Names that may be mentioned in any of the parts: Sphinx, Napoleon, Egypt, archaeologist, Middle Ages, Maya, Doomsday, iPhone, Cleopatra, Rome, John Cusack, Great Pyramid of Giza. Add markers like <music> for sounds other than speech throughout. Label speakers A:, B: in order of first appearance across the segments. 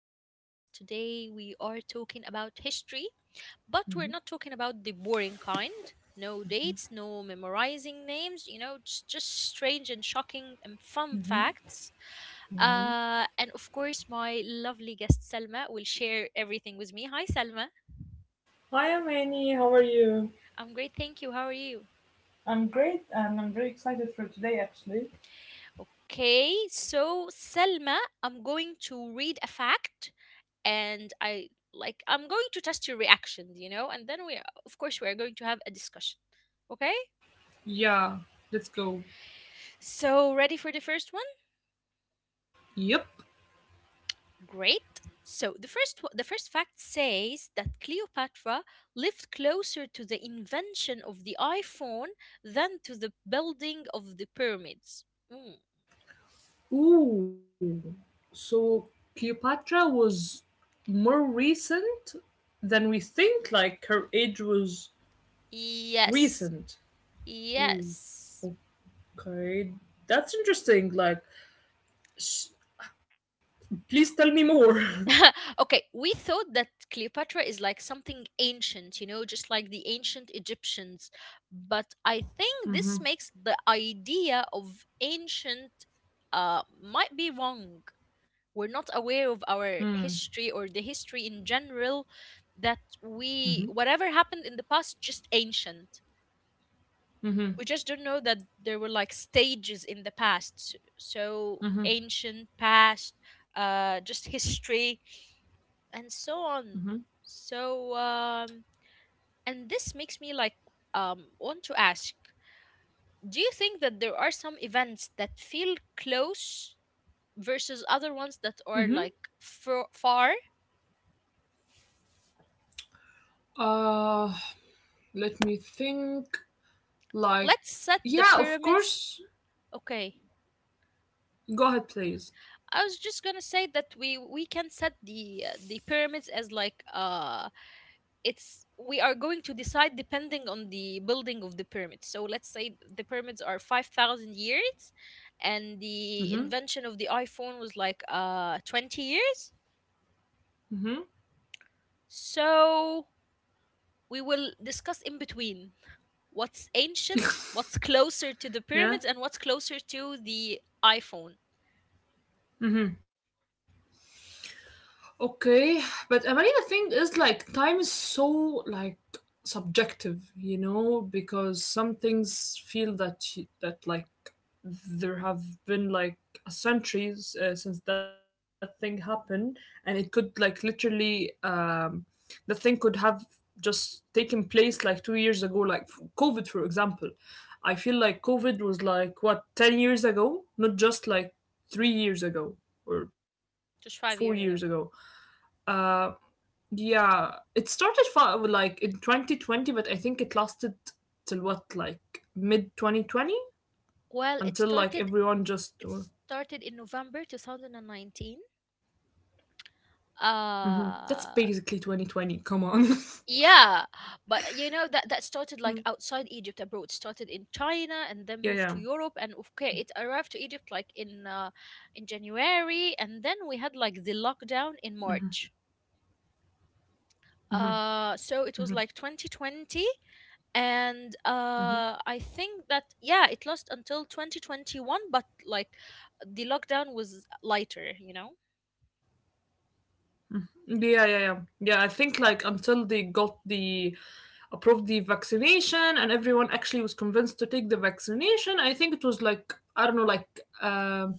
A: our podcast. Today, we are talking about history, but we're
B: hmm
A: not talking about the boring kind. No dates, no memorizing names, just strange and shocking and fun
B: hmm
A: facts.
B: hmm
A: And of course, my lovely guest Selma will share everything with me. Hi, Selma.
B: Hi, I'm Annie. How are you?
A: I'm great, thank you. How are you?
B: I'm great and I'm very excited for today actually.
A: Okay, so Selma, I'm going to read a fact and I'm going to test your reactions, and then we of course we are going to have a discussion. Okay?
B: Yeah, let's go.
A: So ready for the first one?
B: Yep.
A: Great. So the first fact says that Cleopatra lived closer to the invention of the iPhone than to the building of the pyramids. Mm.
B: Ooh. So Cleopatra was more recent than we think. Like, her age was
A: Yes.
B: recent. Ooh.
A: Yes.
B: Okay. That's interesting. Like, sh- please tell me more. <laughs>
A: <laughs> Okay, we thought that Cleopatra is like something ancient, just like the ancient Egyptians. But I think
B: Mm-hmm.
A: this makes the idea of ancient might be wrong. We're not aware of our history or the history in general that we, whatever happened in the past, just ancient.
B: Mm-hmm.
A: We just don't know that there were like stages in the past. So ancient, past, just history and so on. So, um, and this makes me want to ask, do you think that there are some events that feel close versus other ones
B: Mm-hmm.
A: that are like far?
B: Uh, let me think. Like,
A: Let's set the
B: yeah, of
A: pyramids.
B: course.
A: Okay.
B: Go ahead, please.
A: I was just gonna say that we can set the pyramids as like it's we are going to decide depending on the building of the pyramids, so let's say the pyramids are 5000 years and the
B: hmm
A: invention of the iPhone was like 20 years.
B: hmm
A: So we will discuss in between what's ancient, what's closer to the pyramids
B: Yeah.
A: and what's closer to the iPhone.
B: Okay, but I mean, the thing is, like, time is so like subjective, you know, because some things feel that that like there have been like centuries since that thing happened, and it could like literally, the thing could have just taken place like 2 years ago, like covid for example. I feel like covid was like what, 10 years ago, not just like 3 years ago or 4 years
A: Just 5
B: ago.
A: years ago.
B: uh yeah, it started like in 2020, but I think it lasted till what, like mid 2020,
A: well it
B: until like
A: started
B: everyone just
A: it started in November 2019.
B: Mhm. That's basically
A: uh
B: 2020. Come on. <laughs>
A: Yeah, but you know that that started like outside Egypt abroad. Started in China and then
B: Yeah,
A: moved to
B: yeah.
A: Europe, and okay, it arrived to Egypt like in January, and then we had like the lockdown in March. So it was like 2020, and
B: Mhm.
A: I think that yeah, it lasted until 2021, but like the lockdown was lighter, you know.
B: Yeah, yeah, yeah. Yeah, I think like until they got the approved the vaccination and everyone actually was convinced to take the vaccination, I think it was like, I don't know, like, um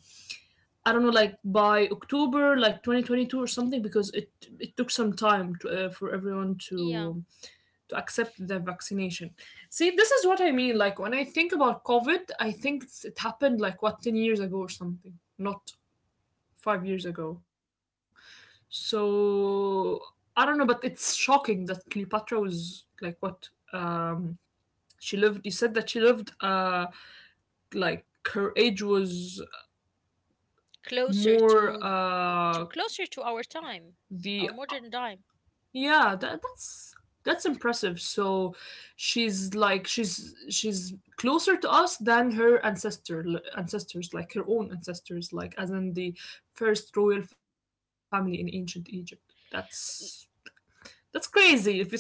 B: I don't know, like by October like 2022 or something, because it took some time to, for everyone
A: Yeah,
B: to accept the vaccination. See, this is what I mean, like when I think about COVID, I think it happened like what, 10 years ago or something. Not 5 years ago. So I don't know, but it's shocking that Cleopatra was like what, um she lived, you said that she lived like her age was
A: closer
B: more
A: to closer to our time,
B: the
A: our modern time.
B: yeah, that's impressive. So she's like she's closer to us than her ancestors, like her own ancestors, like as in the first royal family in ancient Egypt. That's crazy if you thought about it.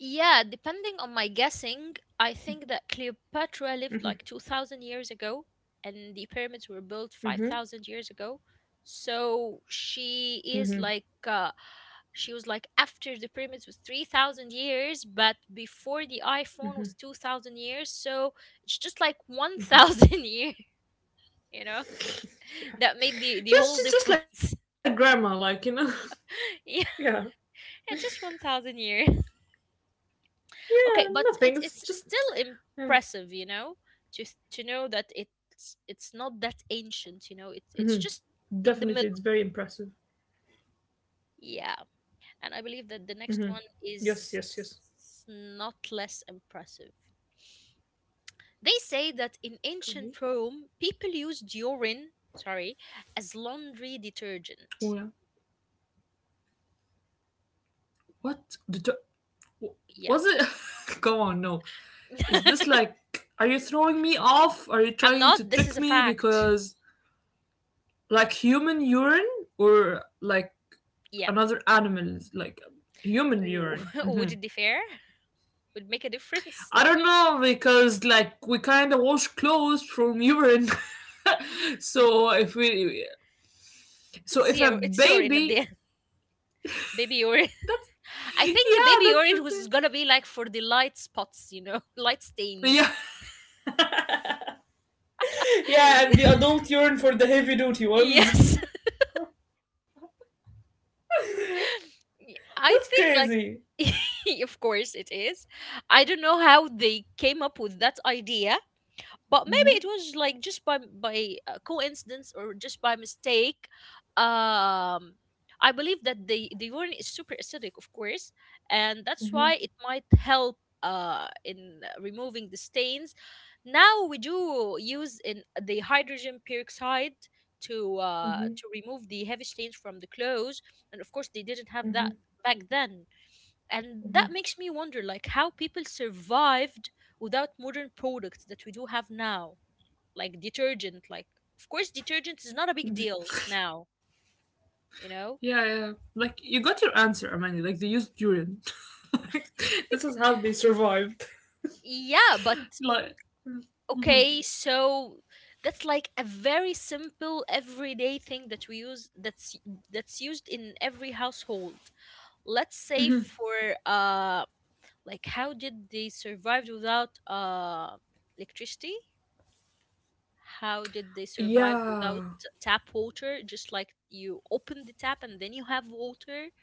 A: Yeah, depending on my guessing, I think that Cleopatra lived like 2000 years ago and the pyramids were built
B: Mm-hmm.
A: 5000 years ago. So
B: Mm-hmm.
A: she was like after the pyramids was 3000 years, but before the iPhone was 2000 years. So it's just like 1000 years, <laughs> you know?
B: Yeah.
A: That made the whole
B: Just like
A: difference.
B: grandma, like, you know. <laughs>
A: <laughs>
B: Yeah.
A: Yeah, just 1000 years. Okay,
B: Yeah.
A: but
B: Nothing. It's
A: it's
B: just.
A: still
B: Yeah.
A: impressive, you know, to know that
B: Mm-hmm.
A: it's not that
B: Definitely, it's
A: ancient,
B: very
A: you know.
B: impressive.
A: It's just in the middle. Yeah.
B: Mm-hmm.
A: And I
B: Yes.
A: believe that
B: Yes.
A: the
B: Yes.
A: next one is not less impressive. They say that
B: Okay.
A: in ancient Rome, people used urine, sorry, as laundry
B: Oh yeah.
A: detergent.
B: What the?
A: Yeah.
B: Was it? <laughs> Go on. No. Is this
A: <laughs>
B: like? Are you throwing me off? Are you
A: I'm
B: trying to
A: not. This is
B: trick
A: a
B: me?
A: fact.
B: Because like human urine, or like
A: Yeah.
B: another animal, like human urine.
A: <laughs>
B: Mm-hmm.
A: Would it differ? Would make a difference?
B: I don't know, because like we kind of wash clothes from urine. <laughs> so if we, so
A: It's
B: if a
A: your, it's urine at the
B: baby,
A: end, <laughs> baby urine.
B: that's
A: I think the
B: yeah,
A: baby
B: that's
A: orange
B: the
A: was
B: thing.
A: gonna be like for the light spots, you know, <laughs> light stains.
B: Yeah, <laughs> yeah, and the
A: <laughs>
B: adult urine for the heavy duty ones.
A: Yes.
B: <laughs>
A: <laughs>
B: That's
A: I think like
B: crazy.
A: <laughs> of course it is. I don't know how they came up with that idea, but maybe it
B: Mm-hmm.
A: was like just by coincidence or just by mistake. um I believe that the urine is super acidic, of course, and that's why
B: Mm-hmm.
A: it might help in removing the stains. Now we do use in the hydrogen peroxide to remove the heavy stains from the clothes, and of course they didn't have that back then. And that makes me wonder, like, how people survived without modern products that we do have now, like detergent. Like, of course detergent is not a big deal now, you know.
B: Yeah, yeah. Like you got your answer, Amani. Like they used urine. <laughs> Like this is how they survived.
A: Yeah, but
B: Like
A: okay, so that's like a very simple everyday thing that we use, that's used in every household. Let's say for like how did they survive without electricity? How did they survive without
B: yeah.
A: tap water? Just like you open the tap and then you have water.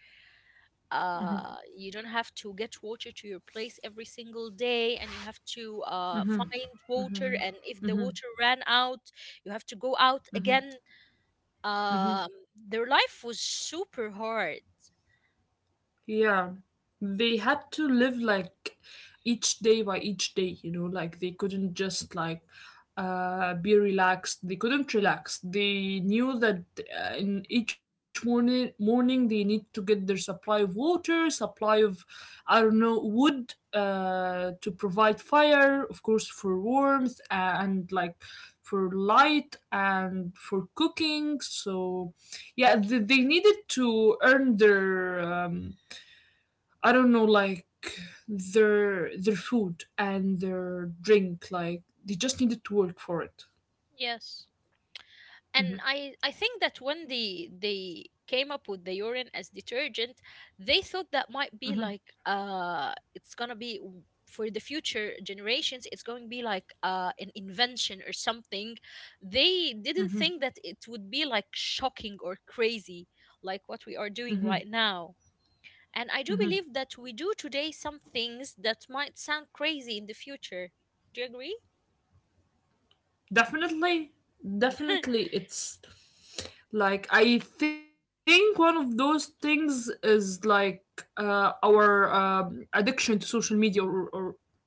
A: You don't have to get water to your place every single day, and you have to find water. And if the water ran out, you have to go out again. Um, their life was super hard.
B: Yeah. They had to live like each day by each day, you know, like they couldn't just like be relaxed. They couldn't relax. They knew that in each morning they need to get their supply of water, supply of, I don't know, wood, to provide fire, of course, for warmth and like for light and for cooking. So yeah, they needed to earn their I don't know, like their food and their drink. Like they just needed to work for it.
A: Yes. And
B: hmm
A: I think that when they came up with the urine as detergent, they thought that might be like it's gonna be for the future generations, it's going to be like an invention or something. They didn't think that it would be like shocking or crazy, like what we are doing right now. And I do believe that we do today some things that might sound crazy in the future. Do you agree?
B: Definitely, definitely. It's like I think one of those things is like our addiction to social media, or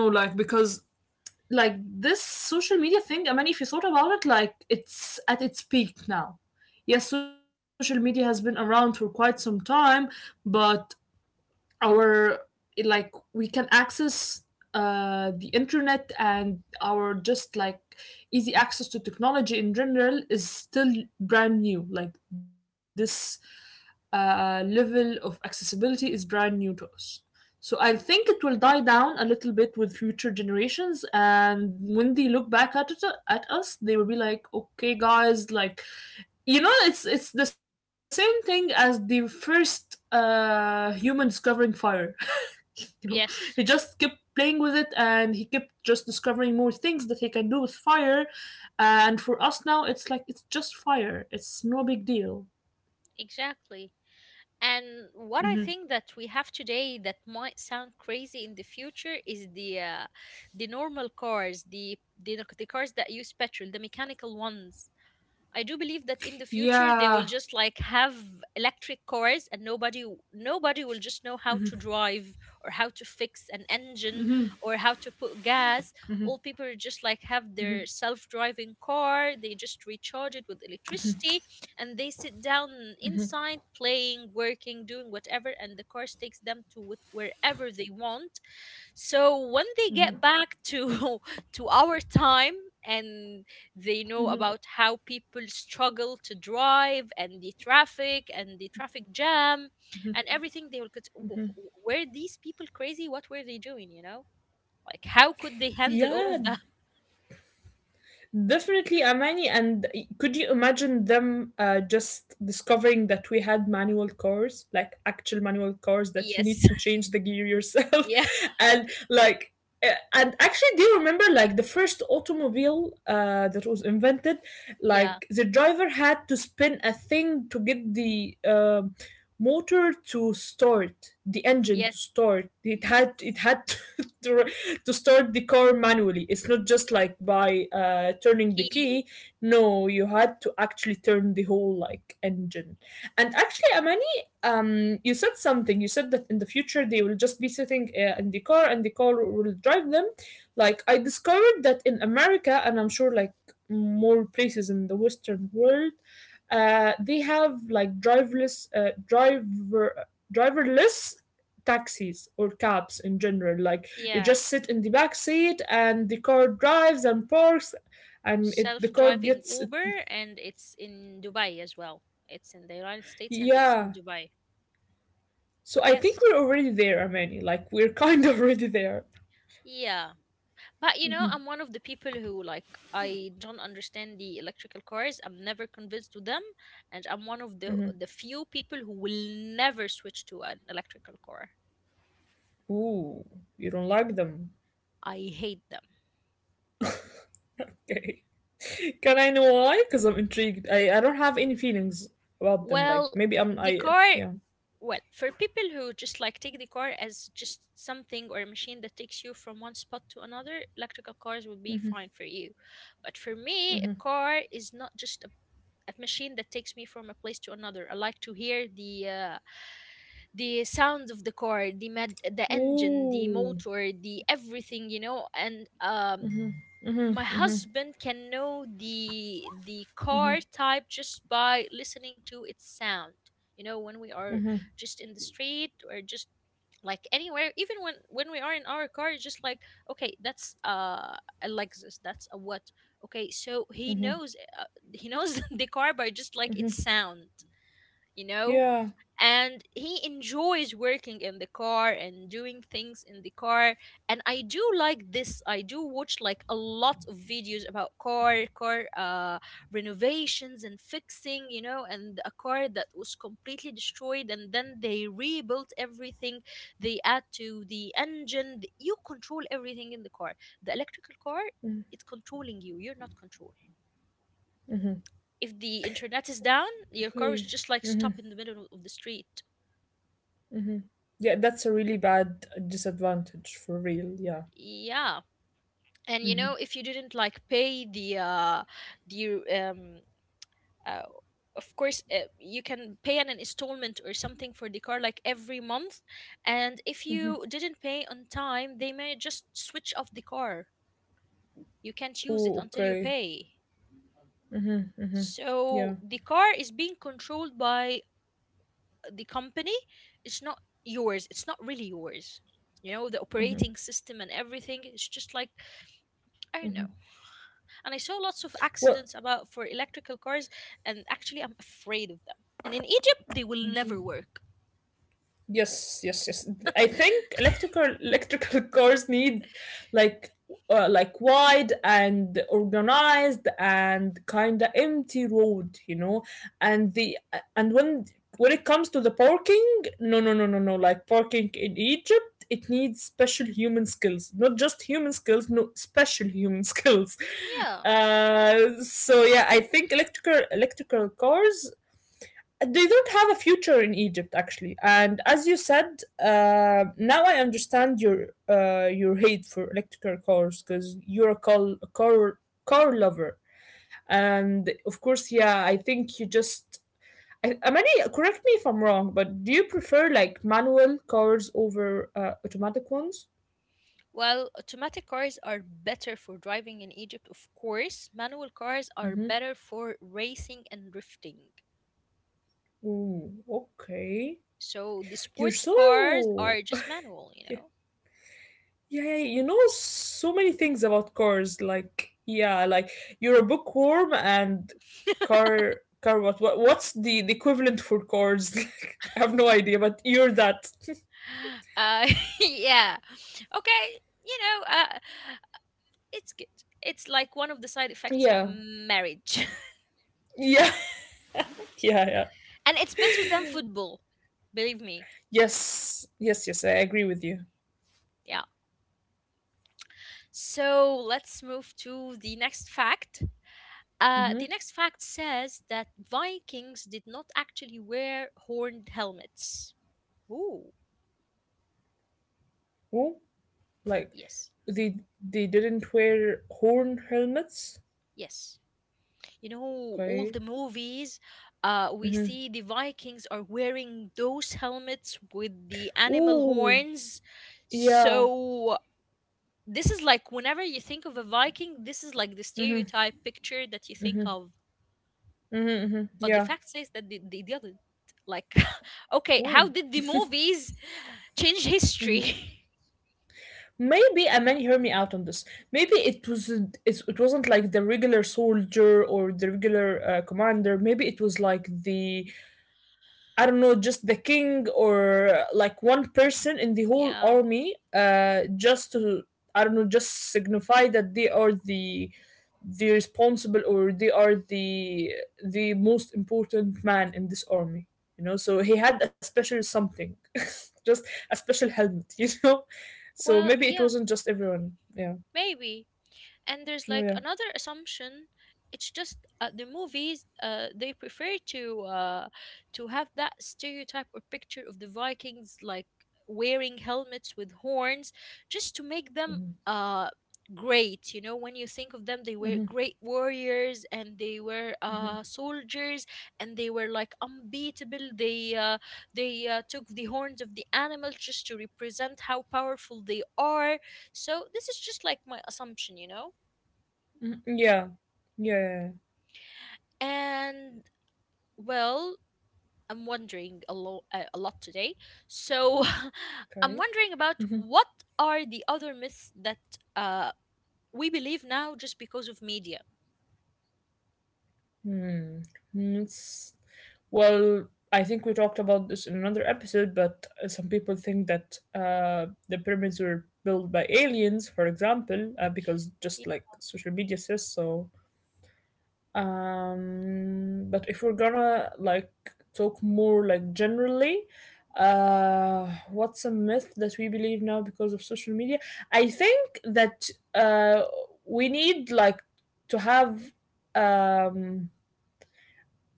B: I don't know, like because like this social media thing. I mean, if you thought about it, like it's at its peak now. Yes, social media has been around for quite some time, but our it, like we can access the internet and our just like easy access to technology in general is still brand new. Like this level of accessibility is brand new to us. So I think it will die down a little bit with future generations, and when they look back at it, at us, they will be like, "Okay, guys, like, you know, it's the same thing as the first human discovering fire. <laughs> You know,
A: <laughs>
B: he
A: Yes,
B: just kept playing with it, and he kept just discovering more things that he can do with fire. And for us now, it's like it's just fire, it's no big deal.
A: exactly. And what I think that we have today that might sound crazy in the future is the normal cars, the cars that use petrol, the mechanical ones. I do believe that in the future they will
B: Yeah.
A: just like have electric cars, and nobody, nobody will just know how to drive or how to fix an engine or how to put gas. All people just like have their self-driving car, they just recharge it with electricity, and they sit down inside playing, working, doing whatever, and the car takes them to wherever they want. So when they get back to <laughs> to our time, and they know about how people struggle to drive and the traffic jam and everything, they will get, Were these people crazy? What were they doing? You know, like how could they handle all
B: Yeah,
A: of that?"
B: definitely, Amani. And could you imagine them just discovering that we had manual cars, like actual manual cars that you
A: Yes,
B: need to
A: <laughs>
B: change the gear yourself?
A: yeah,
B: <laughs> And like, and actually, do you remember like the first automobile that was invented?
A: yeah,
B: Like, the driver had to spin a thing to get the. Motor to start the engine to
A: yes,
B: start, it had <laughs> to, <laughs> to start the car manually. It's not just like by turning the
A: key,
B: key. No, you had to actually turn the whole like engine. And actually, Amani, you said something. You said that in the future they will just be sitting in the car and the car will drive them. Like I discovered that in America, and I'm sure like more places in the Western world, they have like driverless, driverless taxis or cabs in general. Like you
A: yeah.
B: just sit in the back seat and the car drives and parks, and it the car
A: Self-driving
B: gets
A: Uber, and it's in Dubai as well. It's in the United States and it's in
B: yeah.
A: Dubai.
B: So I think
A: Yes.
B: we're already there, Amani. Like we're <laughs> kind of already there.
A: Yeah. But you know, I'm one of the people who like I don't understand the electrical cars. I'm never convinced to them, and I'm one of the few people who will never switch to an electrical car.
B: Ooh, you don't like them.
A: I hate them.
B: Okay. <laughs> Can I know why? Because I'm intrigued. I don't have any feelings about them. Like
A: Well,
B: maybe I'm
A: the
B: I
A: car.
B: yeah.
A: Well, for people who just like take the car as just something or a machine that takes you from one spot to another, electrical cars would be fine for you. But for me, a car is not just a machine that takes me from a place to another. I like to hear the sound of the car, the the engine, the
B: Ooh.
A: motor, the everything, you know. And my husband can know the car type just by listening to its sound, you know. When we are just in the street or just like anywhere, even when we are in our car, it's just like, okay, that's a Lexus, that's a what. Okay, so he knows <laughs> the car by just like its sound, you know.
B: Yeah.
A: And he enjoys working in the car and doing things in the car. And I do like this. I do watch like a lot of videos about car renovations and fixing, you know, and a car that was completely destroyed and then they rebuilt everything. They add to the engine, you control everything in the car. The electrical car, it's controlling you, you're not control. If the internet is down, your car is
B: Okay.
A: just like stop in the middle of the street.
B: Yeah, that's a really bad disadvantage for real. Yeah.
A: Yeah. And you know, if you didn't like pay the the um uh, of course you can pay an installment or something for the car like every month, and if you didn't pay on time, they may just switch off the car. You can't use it
B: Ooh,
A: until you
B: okay.
A: pay.
B: Yeah.
A: So the car is being controlled by the company. It's not yours, it's not really yours, you know. The operating system and everything, it's just like, I don't know. And I saw lots of
B: Well,
A: accidents about for electrical cars, and actually I'm afraid of them. And in Egypt, they will never
B: y-
A: work.
B: yes, yes, yes. I think
A: <laughs>
B: electrical <laughs> cars need like like wide and organized and kind of empty road, you know. And the and when it comes to the parking, no, no, no, no, no. Like parking in Egypt. It needs special human skills, not just human skills, no special human <laughs> skills.
A: Yeah.
B: So yeah, I think electrical cars they don't have a future in Egypt actually. And as you said, now I understand your hate for electrical cars because you're a car, car lover. And of course, yeah, I think you just. I, Amani, correct me if I'm wrong, but do you prefer like manual cars over automatic ones?
A: Well, automatic cars are better for driving in Egypt, of course. Manual cars are
B: Mm-hmm.
A: better for racing and drifting.
B: Ooh, okay.
A: So the
B: You're
A: sports
B: so
A: cars are just manual, you know.
B: Yeah, yeah, yeah. You know so many things about cars. Like, yeah, like you're a bookworm and
A: <laughs>
B: car what, what's the equivalent for cars? <laughs> Like, I have no idea, but you're that. <laughs>
A: Uh, <laughs> yeah. Okay. You know, it's good. It's like one of the side effects of
B: Yeah.
A: marriage.
B: Yeah. <laughs> Yeah, yeah.
A: And it's better than football, believe me.
B: Yes. Yes, yes, I agree with you.
A: Yeah, so let's move to the next fact. The
B: Mhm.
A: next fact says that Vikings did not actually wear horned helmets. Ooh,
B: Oh, like
A: yes.
B: they didn't wear horn helmets.
A: Yes, you know all
B: Okay.
A: the movies. We
B: Mhm.
A: see the Vikings are wearing those helmets with the animal
B: Oh.
A: horns.
B: Yeah.
A: So this is like whenever you think of a Viking, this is like the stereotype picture that you think of.
B: Mhm. Mhm,
A: But the
B: yeah.
A: fact says that they didn't. Like, <laughs>
B: Oh.
A: okay, how did the movies change history?
B: Maybe, I mean, hear me out on this. Maybe it was it wasn't like the regular soldier or the regular commander. Maybe it was like the I don't know, just the king or like one person in the whole
A: <laughs> Yeah,
B: army, just to I don't know, just signify that they are the responsible, or they are the most important man in this army. You know, so he had a special something, <laughs> just a special helmet. <laughs> You know,
A: well,
B: so maybe
A: yeah,
B: it wasn't just everyone. Yeah,
A: maybe. And there's like
B: oh, yeah,
A: another assumption. It's just the movies, they prefer to to have that stereotype or picture of the Vikings like wearing helmets with horns, just to make them uh, great. You know, when you think of them, they were great warriors, and they were soldiers, and they were like unbeatable. They took the horns of the animals just to represent how powerful they are. So this is just like my assumption,
B: yeah, yeah. Yeah. Yeah.
A: And, well, I'm wondering a lot today. So <laughs> I'm
B: Okay.
A: wondering about
B: Mm-hmm.
A: what are the other myths that uh, we believe now just because of media.
B: Hmm. Hmm, it's well. I think we talked about this in another episode, but some people think that the pyramids were built by aliens, for example, because
A: Y-
B: just like social media says so. But if we're gonna like talk more like generally, what's a myth that we believe now because of social media? I think that uh, we need like to have um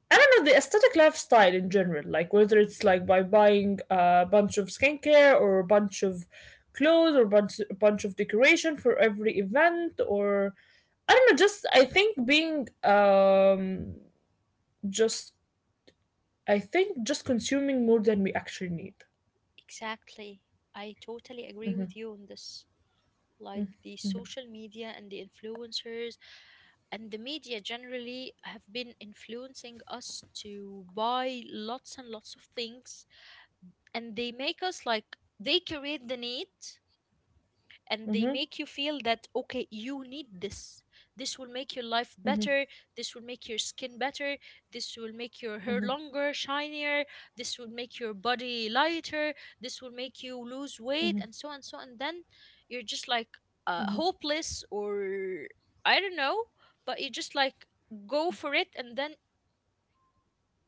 B: I don't know, the aesthetic lifestyle in general, like whether it's like by buying a bunch of skincare or a bunch of clothes or bunch a bunch of decoration for every event, or I don't know, just I think being just I think just consuming more than we actually need.
A: Exactly. I totally agree with you on this. Like, the social media and the influencers and the media generally have been influencing us to buy lots and lots of things, and they make us like, they create the need, and they
B: Mm-hmm,
A: make you feel that okay, you need this, this will make your life
B: mm-hmm,
A: better, this will make your skin better, this will make your hair
B: mm-hmm,
A: longer, shinier, this will make your body lighter, this will make you lose
B: mm-hmm,
A: weight, and so on, so on. And then you're just like,
B: mm-hmm.
A: hopeless, or I don't know, but you just like go for it, and then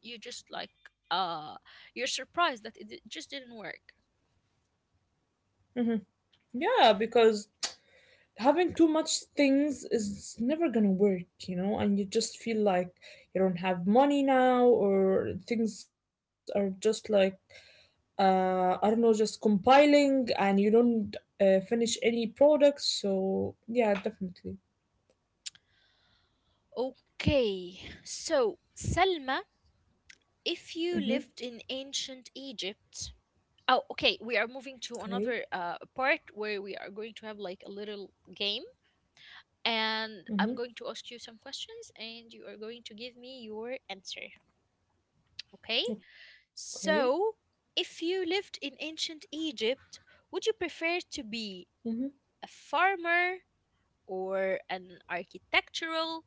A: you just like uh you're surprised that it just didn't work.
B: Yeah, because having too much things is never gonna work, you know, and you just feel like you don't have money now, or things are just like I don't know, just compiling and you don't finish any products. So yeah, definitely.
A: Okay, so Selma, if you
B: Mm-hmm.
A: lived in ancient Egypt, oh, okay, we are moving to another
B: Okay.
A: part where we are going to have like a little game, and I'm going
B: Mm-hmm.
A: to ask you some questions, and you are going to give me your answer. Okay,
B: Okay.
A: so if you lived in ancient Egypt, would you prefer to be
B: Mm-hmm.
A: a farmer or an architectural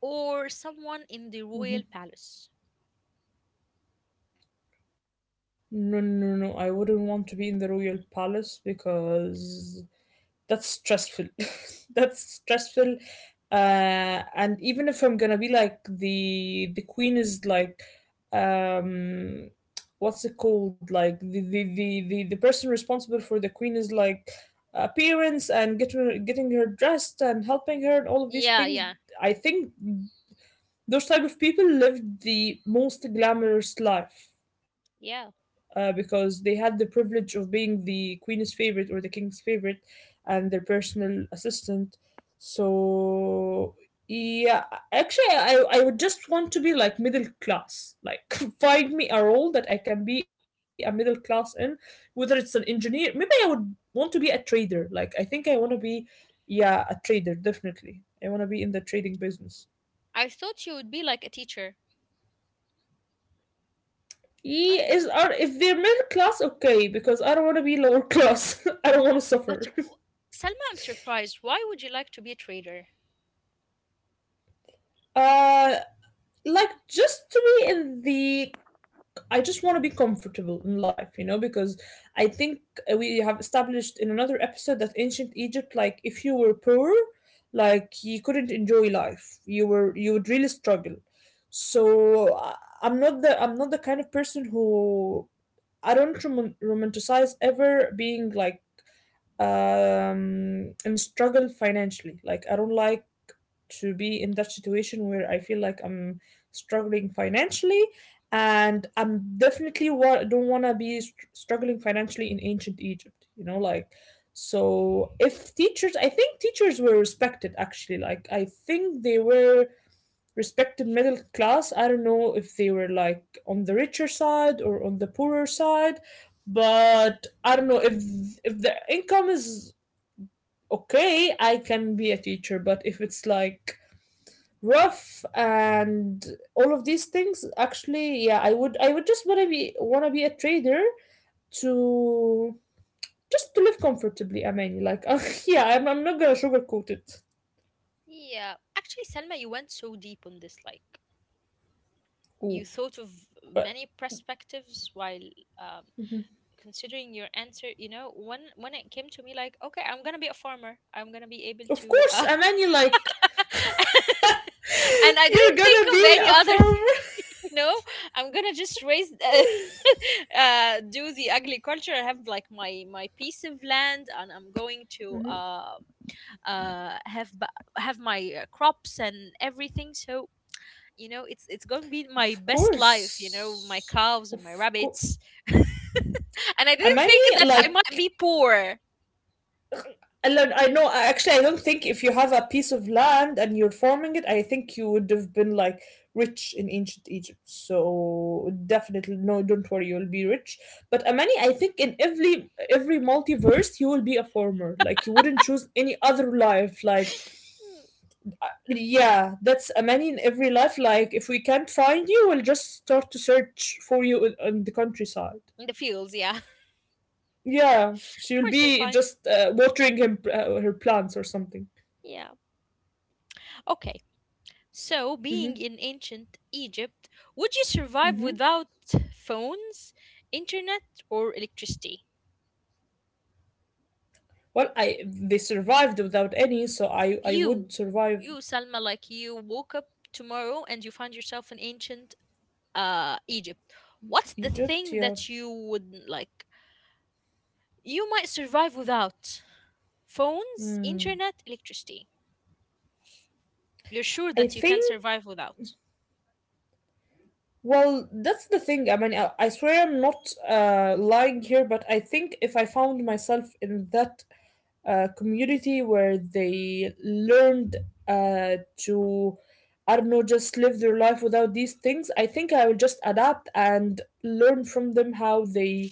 A: or someone in the royal
B: Mm-hmm.
A: palace?
B: No, no, no. I wouldn't want to be in the royal palace because that's stressful <laughs> that's stressful. And even if I'm gonna be like the queen is like, um what's it called, like the person responsible for the queen is like appearance and getting her dressed and helping her and all of these
A: Yeah,
B: things,
A: yeah,
B: I think those type of people live the most glamorous life
A: yeah.
B: because they had the privilege of being the queen's favorite or the king's favorite and their personal assistant. So yeah, actually, I would just want to be like middle class. Like <laughs> find me a role that I can be a middle class in, whether it's an engineer. Maybe I would want to be a trader. Like I think I want to be, yeah, a trader definitely. I want to be in the trading business.
A: I thought you would be like a teacher. I
B: Ye-
A: don't know.
B: is are If they're middle class, okay, because I don't want to be lower class. <laughs> I don't want to
A: But
B: suffer.
A: w- Selma, I'm surprised. Why would you like to be a trader?
B: <laughs> uh like just to be in the, I just want to be comfortable in life, you know, because I think we have established in another episode that ancient Egypt, like if you were poor, you couldn't enjoy life, you were, you would really struggle. So I'm not the kind of person who, I don't romanticize ever being like, and struggle financially. Like I don't like to be in that situation where I feel like I'm struggling financially, and I'm definitely don't want to be struggling financially in ancient Egypt, you know, like. So if teachers, I think teachers were respected, actually, like I think they were respected middle class. I don't know if they were like on the richer side or on the poorer side, but I don't know if the income is okay, I can be a teacher, but if it's like rough and all of these things, actually, yeah, I would, I would just want to be a trader to, just to live comfortably, Amani, like. <laughs> Yeah, I'm not gonna sugarcoat it.
A: Yeah, actually, Selma, you went so deep on this. Like, you
B: Ooh.
A: thought of
B: But
A: many perspectives while, um, considering your answer. You know, when it came to me, like, okay, I'm gonna be a farmer. I'm gonna be able
B: of
A: to,
B: course, Amani, like.
A: <laughs> and
B: <laughs>
A: I
B: You're
A: didn't think
B: gonna
A: of
B: be
A: any
B: a
A: other thing.
B: firm.
A: You know, I'm gonna just raise, <laughs> do the agriculture. I have like my piece of land, and I'm going to,
B: Mhm.
A: uh, have ba- have my crops and everything. So you know, it's going to be my
B: Of
A: best life. You know, my
B: course.
A: cows and my
B: Of course.
A: rabbits. <laughs> And I didn't
B: Amani,
A: think that I
B: like,
A: might be poor.
B: I know, actually, I don't think, if you have a piece of land and you're farming it, I think you would have been, like, rich in ancient Egypt. So, definitely, no, don't worry, you'll be rich. But Amani, I think in every multiverse, you will be a farmer. Like, you wouldn't choose any other life. Like,
A: Mm,
B: yeah, that's a man in every life. Like, if we can't find you, we'll just start to search for you in the countryside.
A: in the fields. Yeah, <laughs> of
B: Yeah, she'll
A: course you're
B: be
A: fine.
B: just watering him her plants or something.
A: Yeah. Okay. So, being
B: Hmm.
A: in ancient Egypt, would you survive
B: Hmm.
A: without phones, internet, or electricity?
B: Well, I, they survived without any, so I
A: You,
B: would survive.
A: Salma, like you woke up tomorrow and you find yourself in ancient Egypt, what's the
B: Egypt.
A: thing
B: Yeah,
A: that you would like you might survive without? Phones, internet, electricity. You're sure
B: I
A: that you can
B: think.
A: survive without.
B: Well, that's the thing. I mean, I swear I'm not lying here, but I think if I found myself in that community where they learned to, I don't know, just live their life without these things, I think I would just adapt and learn from them how they,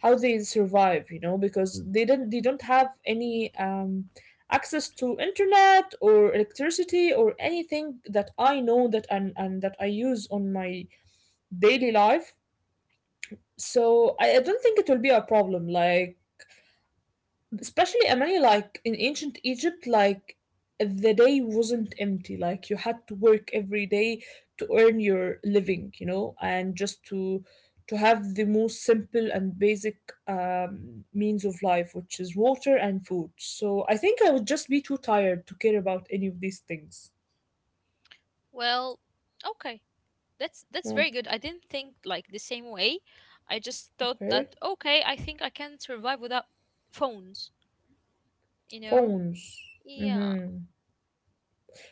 B: how they survive. You know, because, mm, they didn't, they don't have any access to internet or electricity or anything that I know that, and that I use on my daily life. So I don't think it will be a problem. Like especially Amani, like in ancient Egypt, like the day wasn't empty. Like you had to work every day to earn your living, you know, and just to have the most simple and basic means of life, which is water and food. So I think I would just be too tired to care about any of these things.
A: Well, okay. That's
B: Oh,
A: very good. I didn't think like the same way. I just thought
B: okay.
A: that okay, I think I can survive without phones, you know?
B: Phones.
A: Yeah,
B: Mm-hmm.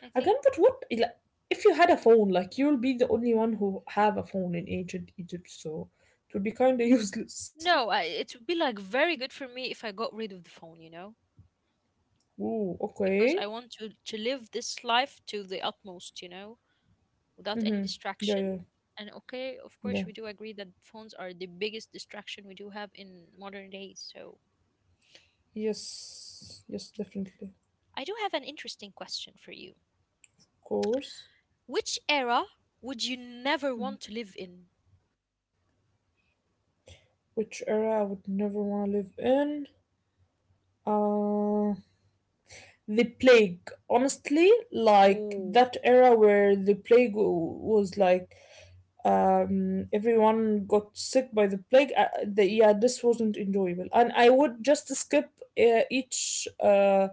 A: I
B: I
A: think
B: can't. But what? Like, if you had a phone, like you'll be the only one who have a phone in ancient Egypt, so it would be kind of <laughs> useless.
A: no, it would be like very good for me if I got rid of the phone, you know?
B: Ooh,
A: Because
B: okay.
A: I want to live this life to the utmost, you know? Without any
B: Mm-hmm. Yeah,
A: distraction.
B: yeah,
A: And okay, of course,
B: yeah.
A: we do agree that phones are the biggest distraction we do have in modern days. So
B: Yes, yes, definitely. Of
A: I do have an interesting question for you.
B: course.
A: Which era would you never want to live in?
B: Which era I would never want to live in? Uh, the plague. Honestly, like
A: Oh,
B: that era where the plague was like, everyone got sick by the plague. Yeah, this wasn't enjoyable, and I would just skip each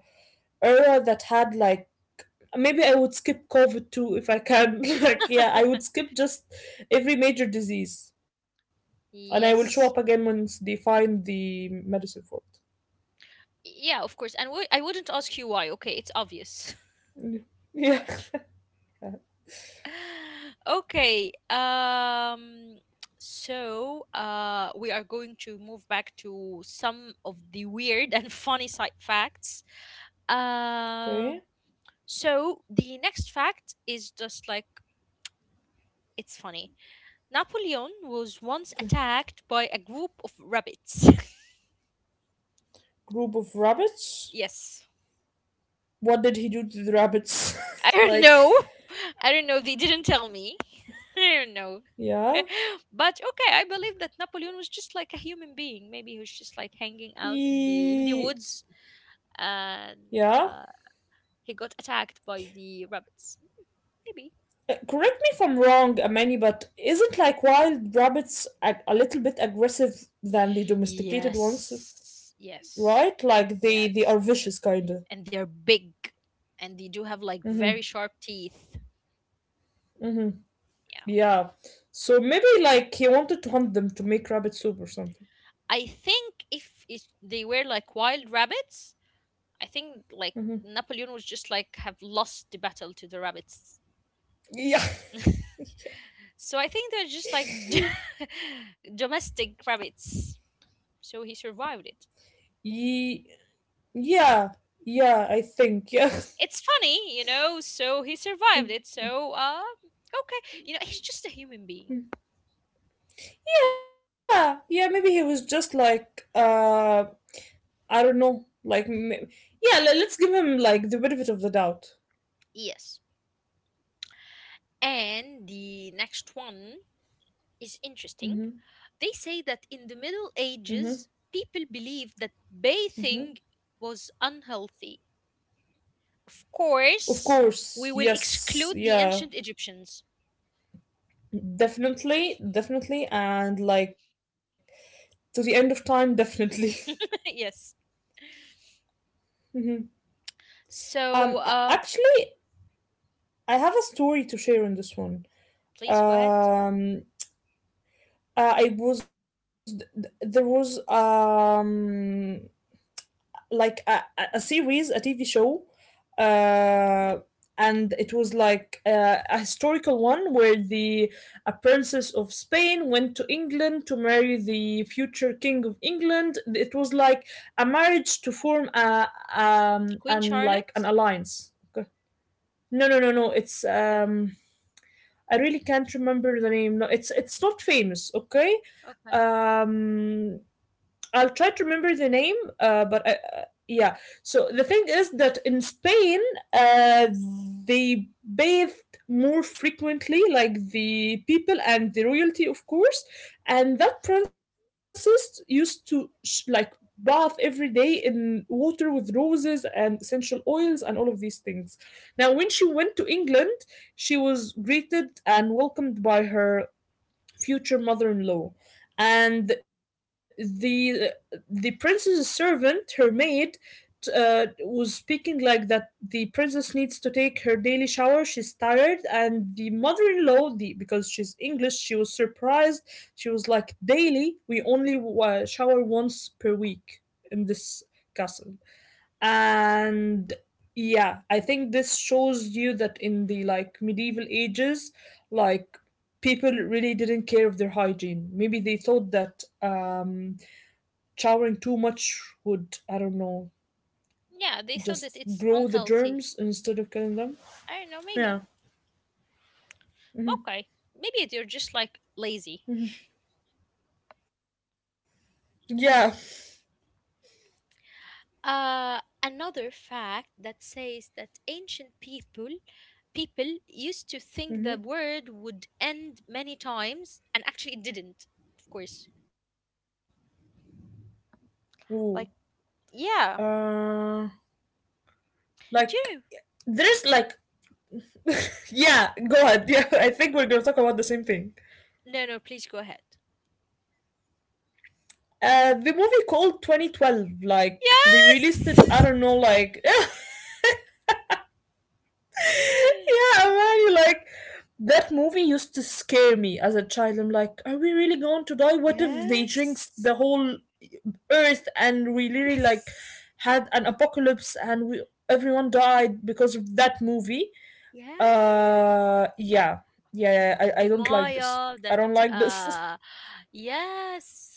B: era that had like, maybe I would skip COVID too if I can. <laughs> Like, yeah, I would skip just every major disease, and I will show
A: yes.
B: up again once they find the medicine for
A: Yeah, of course. And w- I wouldn't ask you why. Okay, it's obvious.
B: it. <laughs> Yeah.
A: <laughs> Okay. So we are going to move back to some of the weird and funny side facts. Um
B: Okay.
A: So the next fact is just like it's funny. Napoleon was once
B: Okay.
A: attacked by a group of rabbits. <laughs>
B: Group of rabbits.
A: Yes.
B: What did he do to the rabbits?
A: I
B: <laughs>
A: don't
B: Like,
A: know. <laughs> I don't know. They didn't tell me. <laughs> I don't know.
B: yeah.
A: <laughs> But okay, I believe that Napoleon was just like a human being. Maybe he was just like hanging out in the
B: He,
A: woods, and
B: yeah.
A: uh, he got attacked by the rabbits. Maybe.
B: Correct me if I'm wrong, Amani, but isn't like wild rabbits a little bit aggressive than the domesticated ones,
A: Yes. Yes.
B: right? Like they are
A: Yes.
B: vicious kind of.
A: And they're big, and they do have like very sharp teeth. Yeah.
B: Yeah. So maybe like he wanted to hunt them to make rabbit soup or something.
A: I think if it, they were like wild rabbits, I think like
B: Hmm.
A: Napoleon was just like have lost the battle to the rabbits.
B: Yeah.
A: <laughs>
B: <laughs> Yeah.
A: So I think they're just like <laughs> domestic rabbits. So he survived it.
B: Ye- Yeah. Yeah, I think. Yeah.
A: It's funny, you know, so he survived it.
B: <laughs>
A: So okay, you know, he's just a human being.
B: Yeah, yeah, maybe he was just like, I don't know, like, yeah, let's give him like the benefit of the doubt.
A: Yes. And the next one is interesting.
B: Mm-hmm,
A: They say that in the Middle
B: mm-hmm,
A: Ages, people believed that
B: mm-hmm.
A: bathing was unhealthy. Of
B: Of
A: course,
B: course,
A: we will
B: yes,
A: exclude the
B: yeah,
A: ancient Egyptians.
B: definitely, definitely, and like to the end of time, definitely. <laughs>
A: <laughs> Yes.
B: Mhm.
A: So,
B: Actually, I have a story to share on this one.
A: please go ahead.
B: Um, I was there was like a, series, a TV show, uh, and it was like a historical one where the, a princess of Spain went to England to marry the future king of England. It was like a marriage to form a
A: Queen
B: and like an
A: Charlotte?
B: alliance. Okay. No, no, no, no. It's
A: Okay.
B: I really can't remember the name. No, it's not famous. Okay.
A: Okay.
B: Um I'll try to remember the name, yeah. So the thing is that in Spain, uh, they bathed more frequently, like the people and the royalty, of course. And that princess used to like bath every day in water with roses and essential oils and all of these things. Now, when she went to England, she was greeted and welcomed by her future mother-in-law, and the princess's servant, her maid, was speaking like that the princess needs to take her daily shower, she's tired. And the mother-in-law, the, because she's English, she was surprised. She was like, daily? We only shower once per week in this castle. And yeah, I think this shows you that in the like medieval ages, like people really didn't care of their hygiene. Maybe they thought that showering too much would, I don't know,
A: Yeah, they thought that
B: just
A: it's
B: grow the
A: unhealthy.
B: germs instead of killing them.
A: I don't know, maybe.
B: Yeah.
A: Okay. Maybe they're just like lazy.
B: Yeah.
A: Another fact that says that ancient people people used to think the word
B: Mm-hmm.
A: would end many times, and actually it didn't, of course. Like,
B: Ooh.
A: yeah.
B: uh
A: Do you
B: like there's like, yeah, go ahead. <laughs> Yeah, I think we're gonna talk about the same thing.
A: No, no, please go ahead.
B: The movie called 2012, like they released it, I
A: Yes! <laughs>
B: don't know, like, <laughs> yeah, man, like that movie used to scare me as a child. I'm like, are we really going to die? What if they jinxed
A: Yes.
B: the whole earth and we really like
A: Yes.
B: had an apocalypse and we, everyone died because of that movie?
A: Yes.
B: Yeah, yeah, yeah, I
A: The
B: don't like this.
A: Maya
B: I
A: that
B: don't like this.
A: uh yes.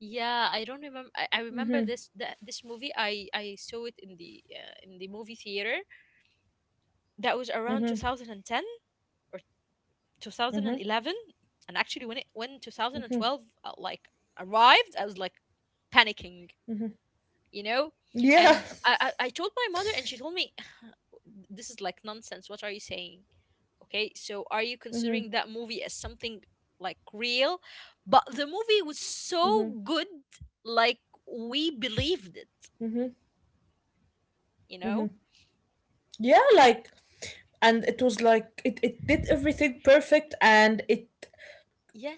A: Yeah, I don't
B: <laughs>
A: remember.
B: Hmm.
A: I remember this, that this movie I saw it in the in the movie theater. That was around
B: Hmm.
A: 2010 or 2011. And actually when it when 2012 like arrived, I was like panicking, you know.
B: Yeah.
A: And
B: <laughs>
A: I told my mother, and she told me this is like nonsense, what are you saying? Okay, so are you considering that movie as something like real? But the movie was so good, like we believed it,
B: Hmm.
A: you know?
B: Yeah, like, and it was like it did everything perfect, and it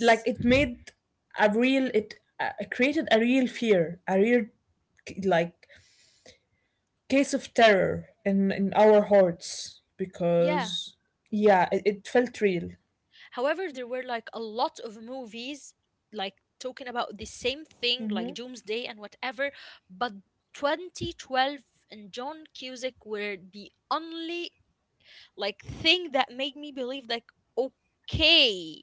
B: like it made a real, it created a real fear, a real like case of terror in our hearts,
A: Yeah.
B: because yeah, it felt real.
A: However, there were like a lot of movies like talking about the same
B: Mm-hmm,
A: thing, like Doomsday and whatever, but 2012 and John Cusack were the only like thing that made me believe like okay,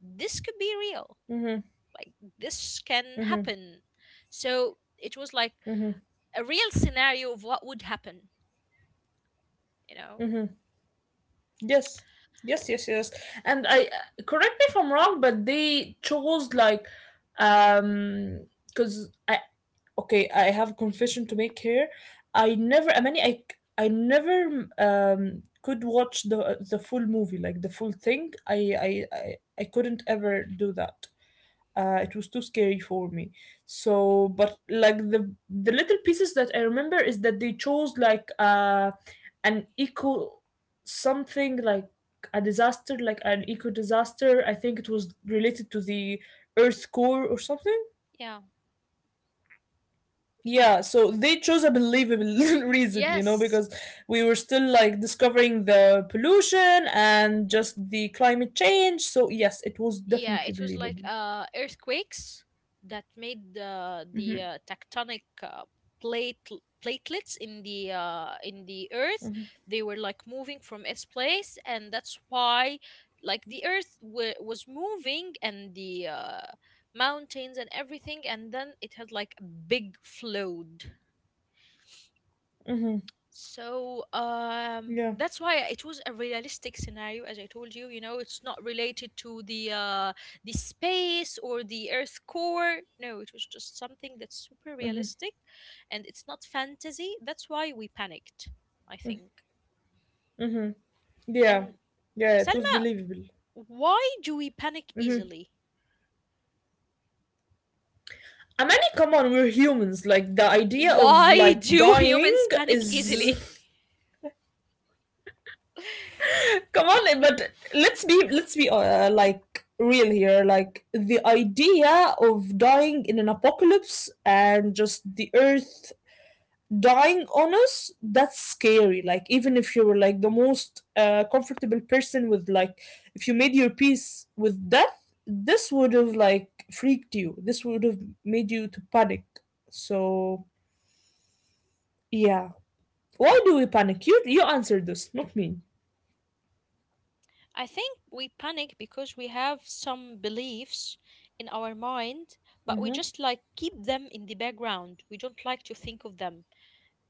A: this could be real.
B: mm-hmm,
A: Like this can
B: mm-hmm.
A: happen. So it was like
B: Hmm.
A: a real scenario of what would happen, you know.
B: Hmm. Yes, yes, yes, yes. And I, correct me if I'm wrong, but they chose like, um because okay, I have a confession to make here. I never I mean I c- I never could watch the full movie, like the full thing. I i, I couldn't ever do that. Uh, it was too scary for me. So but like the little pieces that I remember is that they chose like an eco something, like a disaster, like an eco disaster. I think it was related to the earth core or something.
A: Yeah,
B: Yeah, so they chose a believable <laughs> reason, you know,
A: yes.
B: because we were still like discovering the pollution and just the climate change. So yes, it was
A: Yeah,
B: definitely
A: it was like
B: believable.
A: earthquakes that made the
B: Hmm.
A: tectonic plate platelets in the earth. They were like moving from its place, and that's why like the earth w- was moving, and the mountains and everything, and then it had like a big flood. So
B: Yeah,
A: that's why it was a realistic scenario, as I told you. You know, it's not related to the space or the Earth core. No, it was just something that's super realistic, and it's not fantasy. That's why we panicked, I think.
B: yeah,
A: And
B: yeah, it was
A: Selma,
B: believable.
A: why do we panic
B: Mm-hmm.
A: easily?
B: I mean, come on, we're humans. Like the idea of
A: Why <laughs>
B: like
A: do
B: dying
A: humans panic easily?
B: is, <laughs> come on, but let's be, let's be like real
A: <laughs>
B: here. Like the idea of dying in an apocalypse and just the earth dying on us, that's scary. Like even if you were like the most comfortable person, with like, if you made your peace with death, this would have like freaked you, this would have made you to panic. So yeah, why do we panic? You answered this, not me.
A: I think we panic because we have some beliefs in our mind, but we
B: Mm-hmm,
A: just like keep them in the background. We don't like to think of them.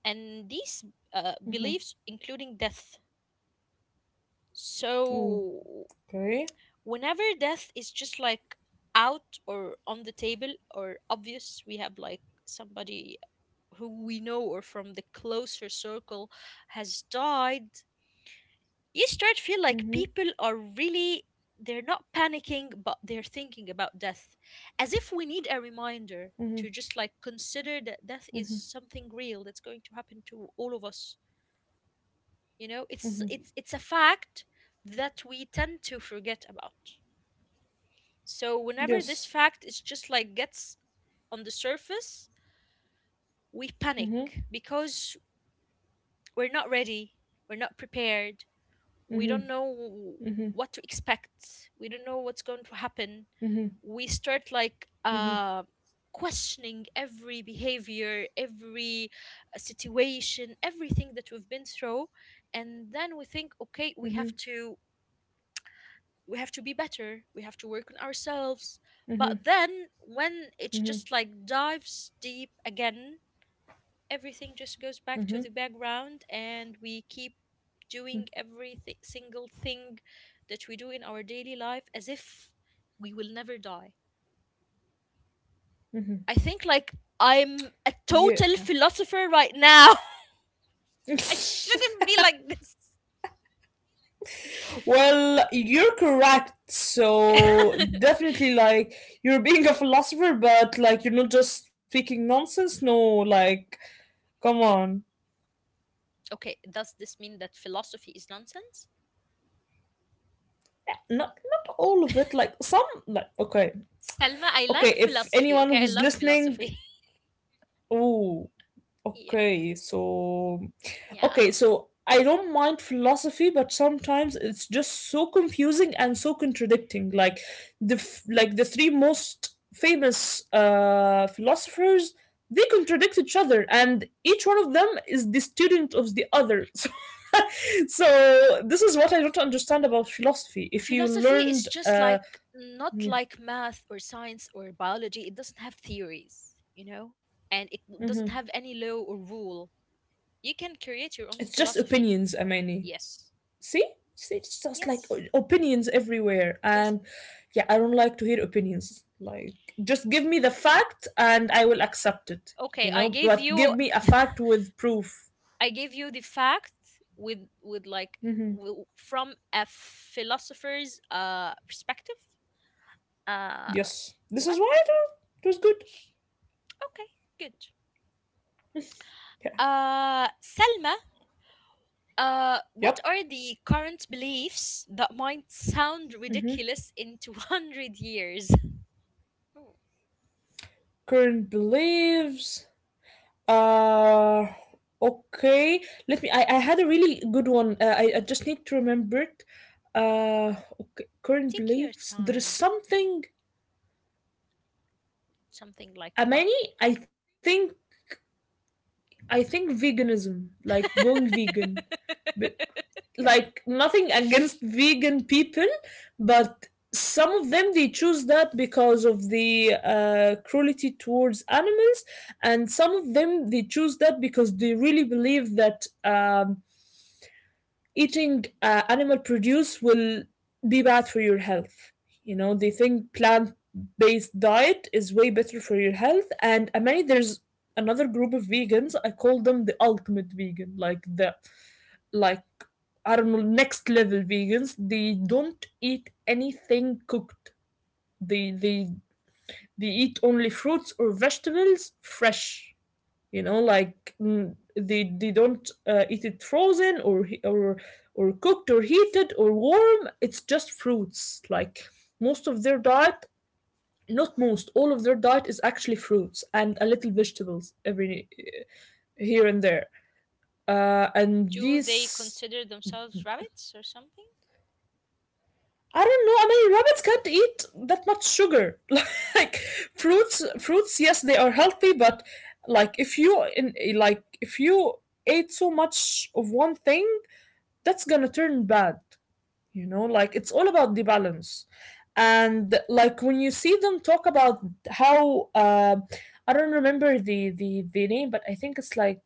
A: And these
B: mm-hmm.
A: beliefs, including death. So,
B: Okay.
A: whenever death is just like out or on the table or obvious, we have like somebody who we know or from the closer circle has died, you start feel like
B: Mm-hmm,
A: people are really they're not panicking but they're thinking about death, as if we need a reminder
B: mm-hmm,
A: to just like consider that death is
B: mm-hmm,
A: something real that's going to happen to all of us, you know. It's
B: mm-hmm.
A: it's a fact that we tend to forget about. So whenever this
B: Yes.
A: fact is just like gets on the surface, we panic,
B: Mm-hmm,
A: because we're not ready, we're not prepared, we don't
B: mm-hmm,
A: know what to expect, we don't know what's going to happen.
B: mm-hmm,
A: We start like
B: mm-hmm,
A: questioning every behavior, every situation, everything that we've been through. And then we think okay, we
B: mm-hmm,
A: have to, we have to be better, we have to work on ourselves. But then when it
B: mm-hmm.
A: just like dives deep again, everything just goes back to the
B: Mm-hmm.
A: background, and we keep doing every single thing that we do in our daily life as if we will never die. I think like I'm a
B: Yeah.
A: total philosopher right now. <laughs> I
B: <laughs>
A: shouldn't be like this.
B: Well, you're correct. So
A: <laughs>
B: definitely, like you're being a philosopher, but like you're not just speaking nonsense. No, like come on,
A: Okay, does this mean that philosophy is nonsense?
B: not not all of it. Like some, like okay,
A: Selma, I
B: okay.
A: like
B: If
A: philosophy.
B: anyone
A: Okay, I
B: who's
A: love
B: listening,
A: philosophy.
B: oh,
A: <laughs> Yeah,
B: okay, so okay,
A: yeah.
B: so I don't mind philosophy, but sometimes it's just so confusing and so contradicting. Like the like the three most famous philosophers, they contradict each other, and each one of them is the student of the other. <laughs> So, so this is what I don't understand about philosophy. If you
A: Philosophy is
B: learned,
A: just like not
B: yeah,
A: like math or science or biology. It doesn't have theories, you know, and it
B: mhm.
A: doesn't have any law or rule. You can create your own
B: It's just
A: philosophy.
B: opinions, Amani.
A: Yes.
B: see See, it's just like
A: Yes.
B: opinions everywhere
A: Yes.
B: and yeah, I don't like to hear opinions. Like, just give me the fact and I will accept it,
A: Okay,
B: but give me a fact with proof.
A: I gave you the fact with like
B: Hmm,
A: w- from a philosopher's perspective. Uh
B: yes, this
A: but
B: is why it was good.
A: okay, good.
B: Yeah,
A: Selma, what
B: yep.
A: are the current beliefs that might sound
B: Hmm,
A: ridiculous in 200 years? Oh,
B: current beliefs. uh okay, I had a really good one, uh, I just need to remember it. uh okay, current
A: Take your
B: beliefs, there is
A: time.
B: something.
A: Something like what?
B: Many, I think, I think veganism, like going
A: <laughs>
B: vegan, but like nothing against vegan people, but some of them they choose that because of the cruelty towards animals, and some of them they choose that because they really believe that eating animal produce will be bad for your health. You know, they think plant based diet is way better for your health. And I mean, there's another group of vegans. I call them the ultimate vegan, like like, I don't know, next level vegans. They don't eat anything cooked. They, they, they eat only fruits or vegetables fresh. You know, like they don't eat it frozen or or cooked or heated or warm. It's just fruits. Like, most of their diet not most, all of their diet is actually fruits and a little vegetables every here and there, and
A: Do they
B: these.
A: consider themselves rabbits or something?
B: I don't know. I mean, rabbits can't eat that much sugar. <laughs> Like, fruits, fruits. Yes, they are healthy, but like if you ate so much of one thing, that's gonna turn bad. You know, like it's all about the balance. And like when you see them talk about how, I don't remember the name, but I think it's like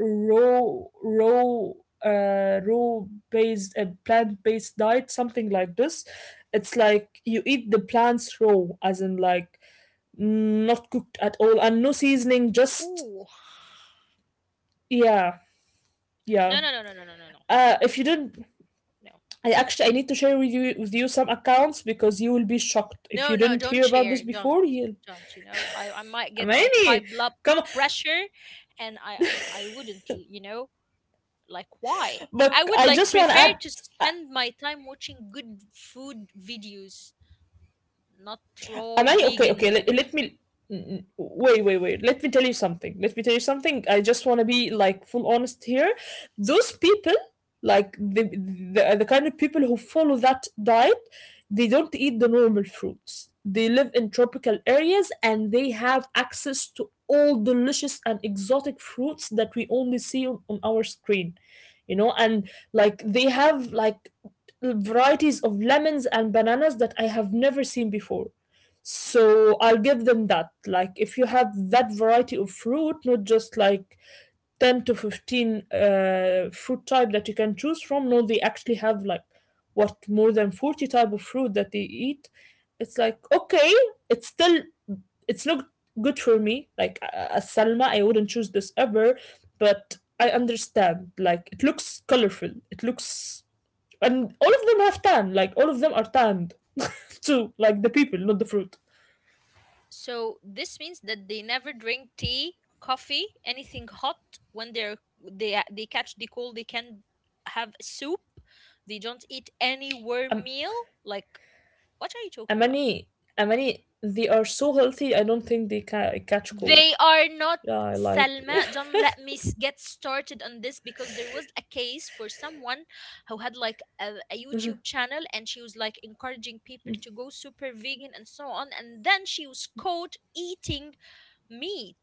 B: raw, raw, raw based, plant based diet, something like this. It's like you eat the plants raw, as in like not cooked at all and no seasoning, just
A: Ooh.
B: yeah, yeah.
A: No, no, no, no, no, no, no, no.
B: If you did,
A: No.
B: I actually I need to share with you some accounts because you will be shocked if
A: No,
B: you
A: no,
B: didn't
A: don't
B: hear about this
A: share. Don't,
B: before. You,
A: don't. You know, I might get like high
B: many,
A: blood
B: come, on.
A: pressure, and I wouldn't. Why? I
B: But
A: would
B: I
A: like
B: just want to
A: prefer
B: add.
A: to spend my time watching good food videos, not raw
B: Am I okay? Okay,
A: vegan.
B: let me n- wait, wait, wait. Let me tell you something. Let me tell you something. I just want to be like full honest here. Those people, like the, the kind of people who follow that diet, they don't eat the normal fruits. They live in tropical areas and they have access to all delicious and exotic fruits that we only see on our screen. You know, and like they have like varieties of lemons and bananas that I have never seen before. So I'll give them that. Like if you have that variety of fruit, not just like 10 to 15 fruit type that you can choose from, no, they actually have like what, more than 40 type of fruit that they eat. It's like, okay, it's still, it's not good for me. Like as Salma, I wouldn't choose this ever, but I understand. Like it looks colorful. It looks, and all of them have tan. Like all of them are tanned <laughs> too. Like the people, not the fruit.
A: So this means that they never drink tea, coffee, anything hot when they catch the cold. They can have soup. They don't eat any warm
B: I'm,
A: meal. Like what are you talking about?
B: Amani, Amani, they are so healthy. I don't think they catch cold.
A: They are not
B: Yeah, I like.
A: Salma. Don't let me get started on this because there was a case for someone who had like a YouTube channel and she was like encouraging people to go super vegan and so on. And then she was caught eating meat.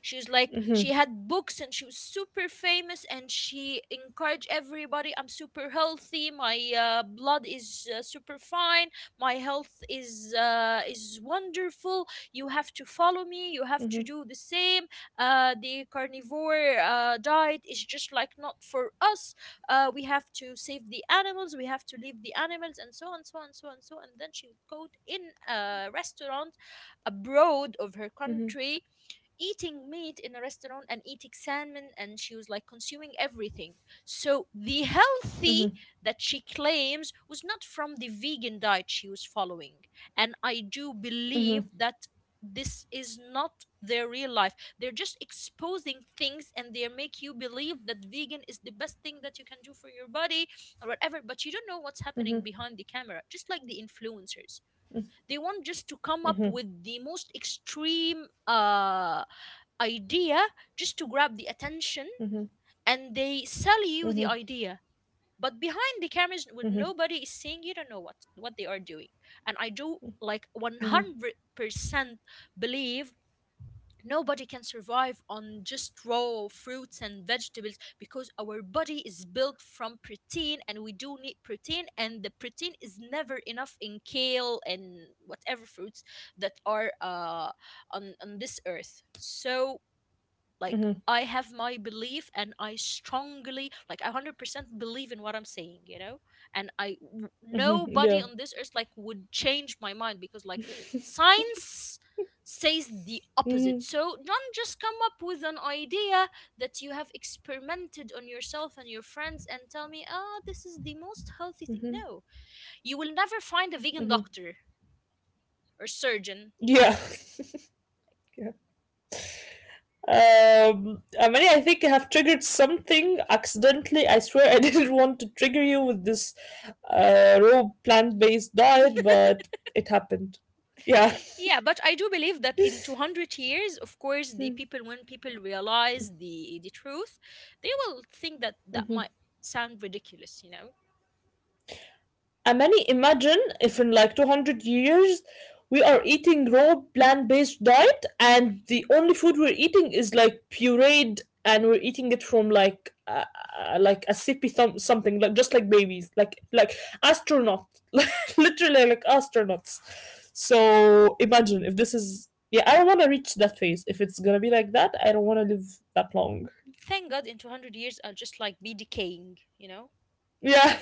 A: She was like she had books and she was super famous and she encouraged everybody. I'm super healthy, my blood is super fine, my health is wonderful. You have to follow me, you have to do the same. The carnivore diet is just like not for us. We have to save the animals, we have to leave the animals, and so on, so on, so on, so on. And then she would go in a restaurant abroad of her country, eating meat in a restaurant and eating salmon, and she was like consuming everything. So the healthy that she claims was not from the vegan diet she was following. And I do believe that this is not their real life. They're just exposing things and they make you believe that vegan is the best thing that you can do for your body or whatever, but you don't know what's happening behind the camera, just like the influencers. They want just to come up with the most extreme idea, just to grab the attention, and they sell you the idea, but behind the cameras, when nobody is seeing, you don't know what they are doing. And I do, like, 100% believe nobody can survive on just raw fruits and vegetables, because our body is built from protein and we do need protein, and the protein is never enough in kale and whatever fruits that are on this earth. So like, I have my belief and I strongly, like, 100% believe in what I'm saying, you know. And
B: <laughs> Yeah.
A: nobody on this earth like would change my mind, because like science says the opposite.
B: Mhm.
A: So don't just come up with an idea that you have experimented on yourself and your friends and tell me, ah, this is the most healthy thing. No, you will never find a vegan doctor or surgeon.
B: Yeah. <laughs> yeah. Amani, I think I have triggered something accidentally. I swear I <laughs> didn't want to trigger you with this, raw plant based diet, but it happened. Yeah.
A: Yeah, but I do believe that in 200 years, of course, the people, when people realize the truth, they will think that that might sound ridiculous, you know?
B: And many, imagine if in like 200 years we are eating raw plant-based diet and the only food we're eating is like pureed, and we're eating it from like a sippy thumb, something like just like babies, like astronauts <laughs> like literally like astronauts. So imagine if this is, yeah, I don't want to reach that phase. If it's gonna be like that, I don't want to live that long.
A: Thank God in 200 years I'll just like be decaying, you know?
B: Yeah.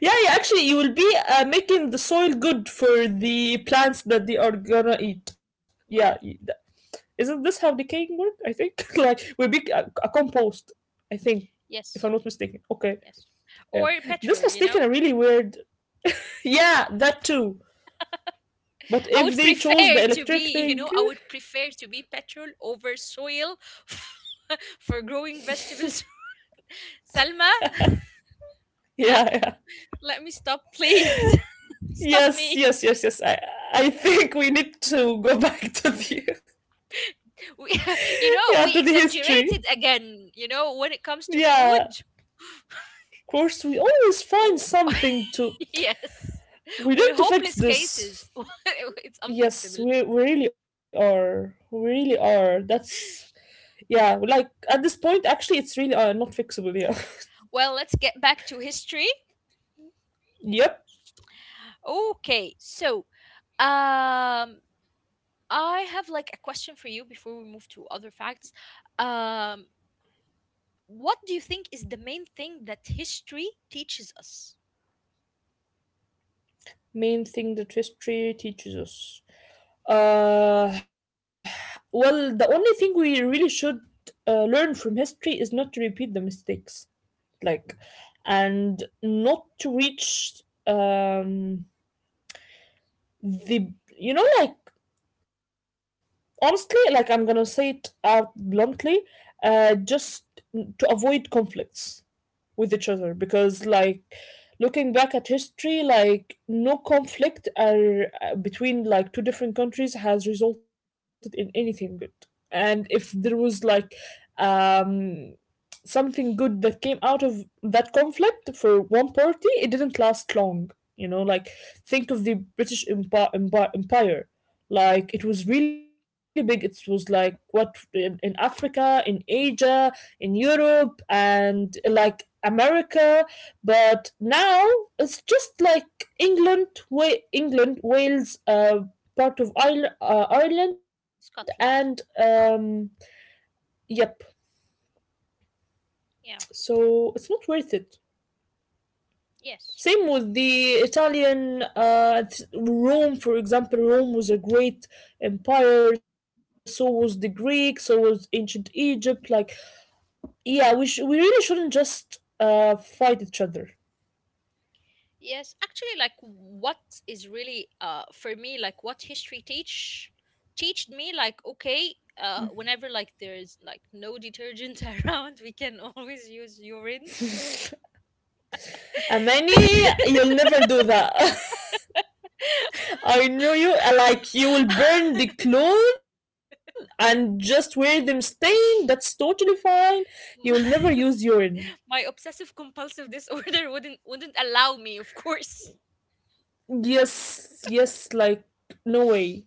B: Yeah, yeah, actually, you will be making the soil good for the plants that they are gonna eat. Yeah,
A: Mm.
B: isn't this how decaying work? I think <laughs> like we'll be a compost. I think, if I'm
A: Yes,
B: not mistaken. Okay,
A: yes.
B: yeah,
A: Or
B: this
A: petrol,
B: has
A: you
B: taken
A: know?
B: a really weird. Yeah, that too. But
A: I
B: if
A: would
B: they chose
A: prefer
B: the
A: to
B: electric
A: be, <laughs> you
B: thing,
A: know, I would prefer to be petrol over soil <laughs> for growing vegetables. <laughs> Salma,
B: <laughs> yeah, yeah,
A: let me stop, please. <laughs> Stop
B: yes,
A: me.
B: yes, yes, yes. I think we need to go <laughs> back to the,
A: We, <laughs> you
B: <laughs> yeah,
A: know,
B: to
A: we
B: the history.
A: exaggerated again, you know, when it comes to
B: Yeah, of
A: food.
B: course, we always find
A: w-
B: something to,
A: <laughs> yes.
B: we need
A: We're
B: to fix
A: hopeless
B: this.
A: cases. <laughs> It's unfixable.
B: Yes, we really are. We really are. That's, yeah. Like at this point, actually, it's really not fixable. Yeah.
A: Well, let's get back to history.
B: <laughs> Yep.
A: Okay, so um, I have like a question for you before we move to other facts. Um, what do you think is the main thing that history teaches us?
B: Main thing that history teaches us. Uh, well, the only thing we really should, learn from history is not to repeat the mistakes. Like, and not to reach, um, the, you know, like, honestly, like I'm gonna say it out bluntly, just to avoid conflicts with each other because, like, looking back at history, like no conflict are, between like two different countries has resulted in anything good. And if there was like, um, something good that came out of that conflict for one party, it didn't last long. You know, like, think of the British Empire. Empire. Like it was really big. It was like, what, in Africa, in Asia, in Europe, and like America. But now it's just like England, England, Wales, part of Ireland, and
A: Scotland.
B: yep.
A: Yeah.
B: So it's not worth it.
A: Yes.
B: Same with the Italian Rome, for example. Rome was a great empire. So was the Greek. So was ancient Egypt. Like, yeah, we really shouldn't just fight each other.
A: Yes, actually, like what is really for me, like what history teached me, like, okay, whenever like there's like no detergent <laughs> around, we can always use urine.
B: Amani, you'll never do that. <laughs> I know you. Like, you will burn the
A: <laughs>
B: clothes and just wear them stained. That's totally fine. You will never
A: My
B: use urine.
A: <laughs> my obsessive compulsive disorder wouldn't allow me, of course.
B: Yes, yes. Like, no way.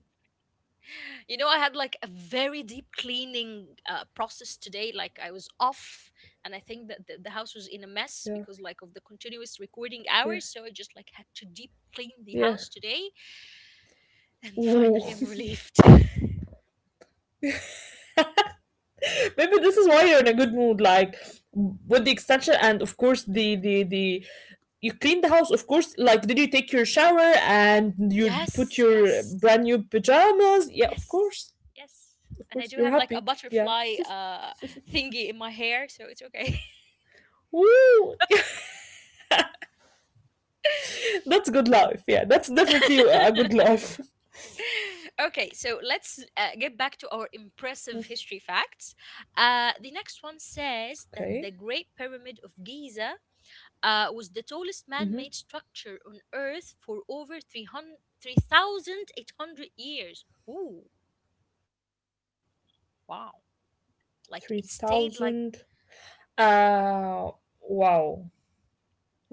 A: You know, I had like a very deep cleaning process today. Like I was off, and I think that the house was in a mess
B: Yeah,
A: because, like, of the continuous recording
B: yeah,
A: hours, so I just like had to deep clean the
B: yeah.
A: house today. And
B: Ooh.
A: finally I'm relieved. <laughs>
B: Maybe this is why you're in a good mood, like with the extension and of course the you clean the house, of course. Like, did you take your shower and you put
A: Yes,
B: your
A: yes.
B: brand new pajamas? Yeah,
A: Yes.
B: of course,
A: Yes.
B: you're happy.
A: And I do have
B: Yeah.
A: like a butterfly
B: <laughs>
A: thingy in my hair, so it's okay.
B: Woo! <laughs> That's good life. Yeah, that's definitely a good
A: <laughs>
B: life.
A: Okay, so let's get back to our impressive history facts. The next one
B: Okay,
A: says that the Great Pyramid of Giza was the tallest man made structure on Earth for over 3,800 years. Ooh, wow.
B: three
A: Like it
B: thousand.
A: stayed like,
B: Uh, wow.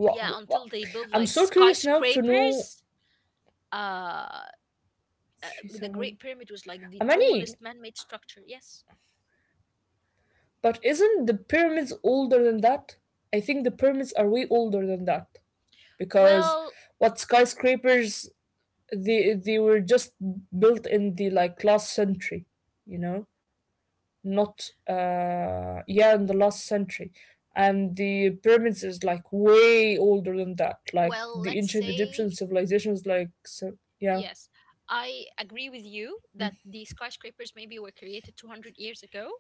A: yeah, until they built
B: I'm
A: like
B: so curious now to know
A: skyscrapers. Uh,
B: three
A: the Great
B: thousand.
A: Pyramid was like the tallest
B: Amani,
A: man-made structure. Yes.
B: but isn't the pyramids older than that? I think the pyramids are way older than that because
A: Well,
B: what, skyscrapers, they were just built in the like last century, you know, not yeah, in the last century, and the pyramids is like way older than that. Like
A: well,
B: the
A: let's
B: ancient Egyptian
A: say
B: civilization is like so, yeah.
A: yes. I agree with you that the skyscrapers maybe were created 200 years ago,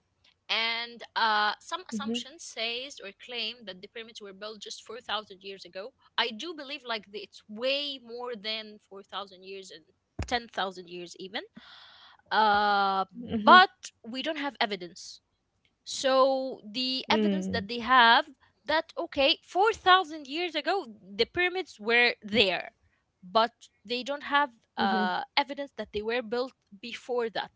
A: and some
B: Mm-hmm,
A: assumptions says or claim that the pyramids were built just 4,000 years ago. I do believe like it's way more than 4,000 years and 10,000 years even. Uh,
B: mm-hmm,
A: but we don't have evidence, so the evidence that
B: mm,
A: they have, that okay, 4,000 years ago the pyramids were there, but they don't have
B: mm-hmm,
A: evidence that they were built before that.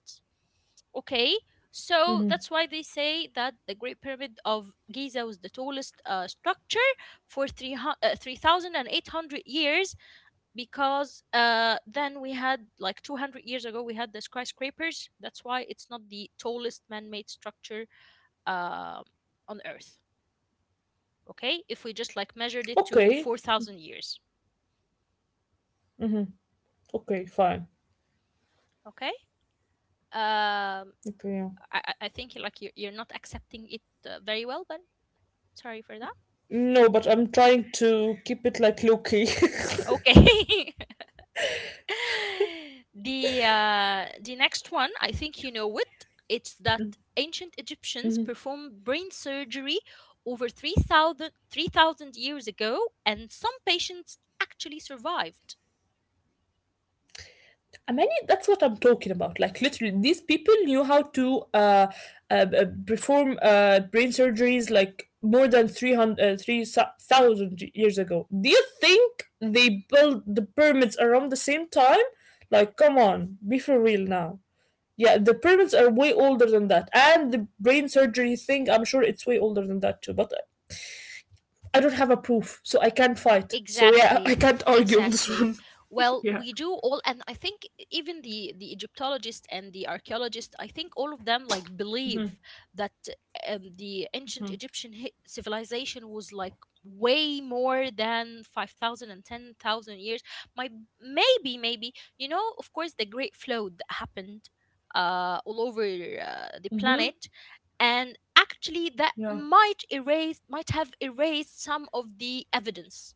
A: Okay, so
B: mm-hmm.
A: that's why they say that the great pyramid of Giza was the tallest structure for 300 uh, 3,800 years, because then we had, like, 200 years ago we had the skyscrapers. That's why it's not the tallest man-made structure um on Earth. Okay, if we just like measured it to
B: Okay,
A: 4,000 years.
B: okay, fine.
A: Okay, um,
B: Okay, yeah.
A: I think like you're not accepting it very well, but sorry for that.
B: No, but I'm trying to keep it like low key.
A: Okay. <laughs> The the next one, I think you know it. It's that ancient Egyptians performed brain surgery over 3,000 years ago, and some patients actually survived.
B: <laughs> I mean, that's what I'm talking about. Like literally, these people knew how to perform brain surgeries like more than 300, 3,000 years ago. Do you think they built the pyramids around the same time? Like, come on, be for real now. Yeah, the pyramids are way older than that, and the brain surgery thing. I'm sure it's way older than that too. But I don't have a proof, so I can't fight. So yeah, <laughs> I
A: Exactly.
B: can't argue on this
A: Exactly.
B: one.
A: Well,
B: Yeah.
A: we do all, and I think even the Egyptologist and the archaeologist, I think all of them like believe that the ancient Egyptian civilization was like way more than 5,000 and 10,000 years. My, maybe, maybe, you know, of course, the great flood that happened all over the
B: Mhm.
A: planet, and actually that
B: Yeah.
A: might have erased some of the evidence.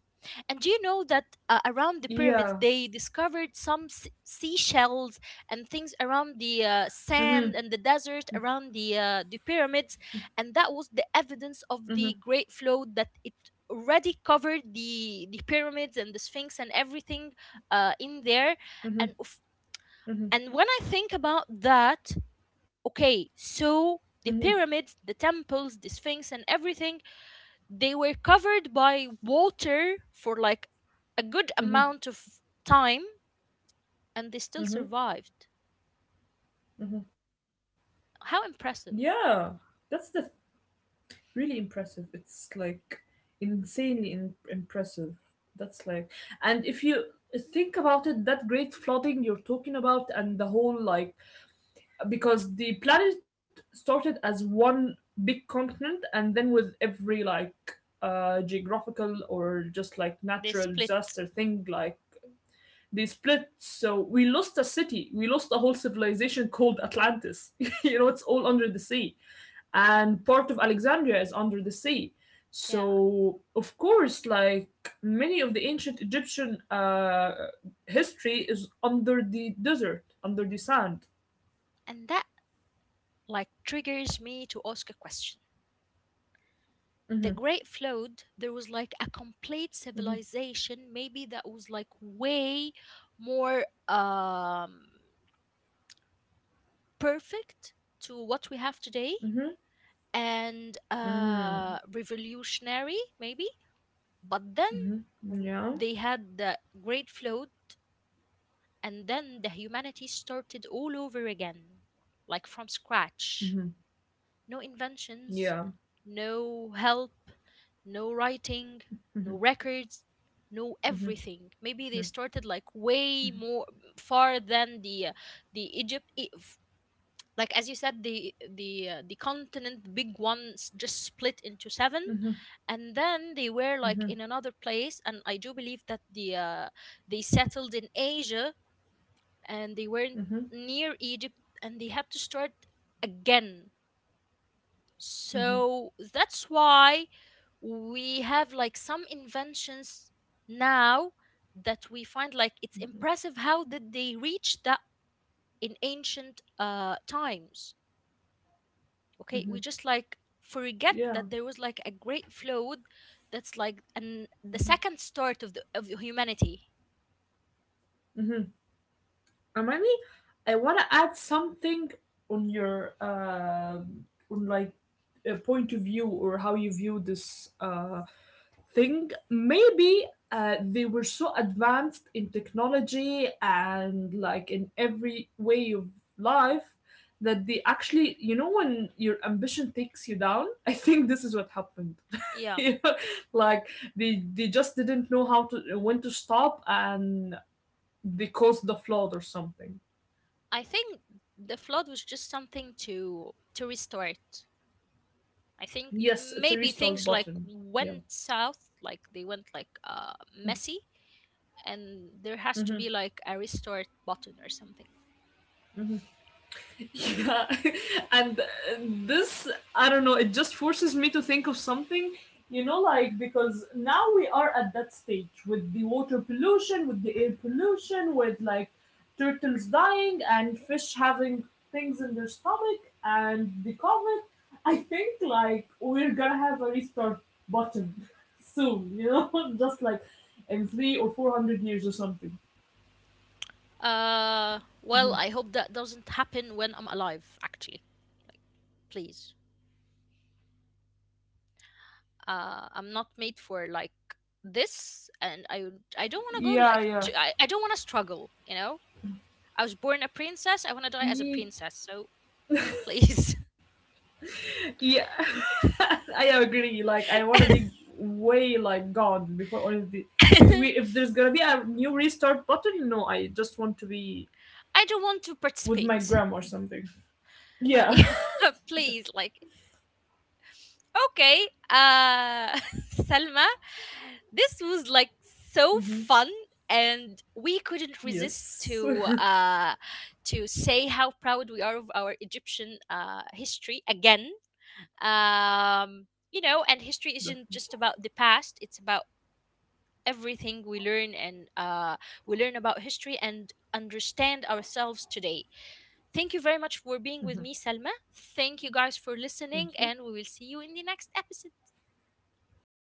A: And do you know that around the pyramids
B: Yeah.
A: they discovered some seashells and things around the sand and the desert around the pyramids, and that was the evidence of the great flood, that it already covered the pyramids and the Sphinx and everything in there. And of- and when I think about that, okay, so the pyramids, the temples, the Sphinx, and everything, they were covered by water for like a good amount of time, and they still survived. How impressive.
B: Yeah. That's the really impressive. It's like insanely impressive. That's like, and if you think about it, that great flooding you're talking about, and the whole like, because the planet started as one big continent, and then with every like geographical or just like
A: They
B: natural
A: split.
B: disaster thing, like they split. So we lost a city, we lost a whole civilization called Atlantis. <laughs> You know, it's all under the sea, and part of Alexandria is under the sea.
A: Yeah.
B: So of course, like many of the ancient Egyptian, history is under the desert, under the sand.
A: And that like triggers me to ask a question. The
B: Hmm.
A: Great Flood, there was like a complete
B: Hmm.
A: civilization, maybe that was like way more perfect to what we have today,
B: Hmm.
A: and
B: Hmm.
A: revolutionary, maybe. But then
B: Yeah.
A: they had the Great Flood, and then the humanity started all over again, like from scratch.
B: Hmm.
A: No inventions,
B: Yeah.
A: no help, no writing, no
B: Hmm.
A: records, no
B: Hmm.
A: everything. Maybe they started like way more far than the Egypt, like, as you said, the the continent, the big ones just split into seven,
B: Hmm.
A: and then they were like
B: Hmm.
A: in another place. And I do believe that they settled in Asia and they weren't
B: Hmm.
A: near Egypt, and they had to start again. So that's why we have like some inventions now that we find, like, it's impressive how did they reach that in ancient times. Okay,
B: Hmm.
A: we just like forget
B: Yeah.
A: that there was like a great flood. That's like an the second start of the of humanity.
B: Hmm. Amani, I want to add something on your, um, on like a point of view or how you view this, thing. Maybe, they were so advanced in technology and like in every way of life, that they actually, you know, when your ambition takes you down, <laughs> I think this is what happened. <laughs>
A: Yeah,
B: You know, like, they just didn't know how to, when to stop, and they caused the flood or something.
A: I think the flood was just something to restart. I think
B: Yes, it's a
A: maybe
B: restart
A: things like
B: button. Yeah.
A: went south, like they went like messy, and there has to be
B: Hmm.
A: like a restart button or something.
B: Hmm. Yeah. <laughs> And, this, I don't know, it just forces me to think of something, you know, like because now we are at that stage with the water pollution, with the air pollution, with like turtles dying and fish having things in their stomach, and the COVID. I think like we're gonna have a restart button <laughs> soon, you know, <laughs> just like in three or four hundred years or something.
A: Well, I hope that doesn't happen when I'm alive, actually. Please. I'm not made for like this, and I don't want to go
B: Yeah,
A: like
B: yeah.
A: I don't want to struggle. You know, I was born a princess. I want to die as a
B: Ye-
A: princess. So please,
B: Yeah. <laughs> I agree. Like I want to be way like gone before all of the,
A: <laughs> I
B: if there's going to be a new restart button, no, I just want to be
A: don't want to
B: with my
A: participate. <laughs>
B: gram or something. Yeah.
A: Yeah, please, like, okay, <laughs> Selma, this was like so fun. And we couldn't
B: <laughs>
A: resist
B: Yes. <laughs>
A: to say how proud we are of our Egyptian history again. um, you know, and history isn't just
B: Definitely.
A: about the past, it's about everything we learn. And we learn about history and understand ourselves today. Thank you very much for being with me, Selma. Thank you guys for listening,
B: Thank you.
A: and we will see you in the next episode.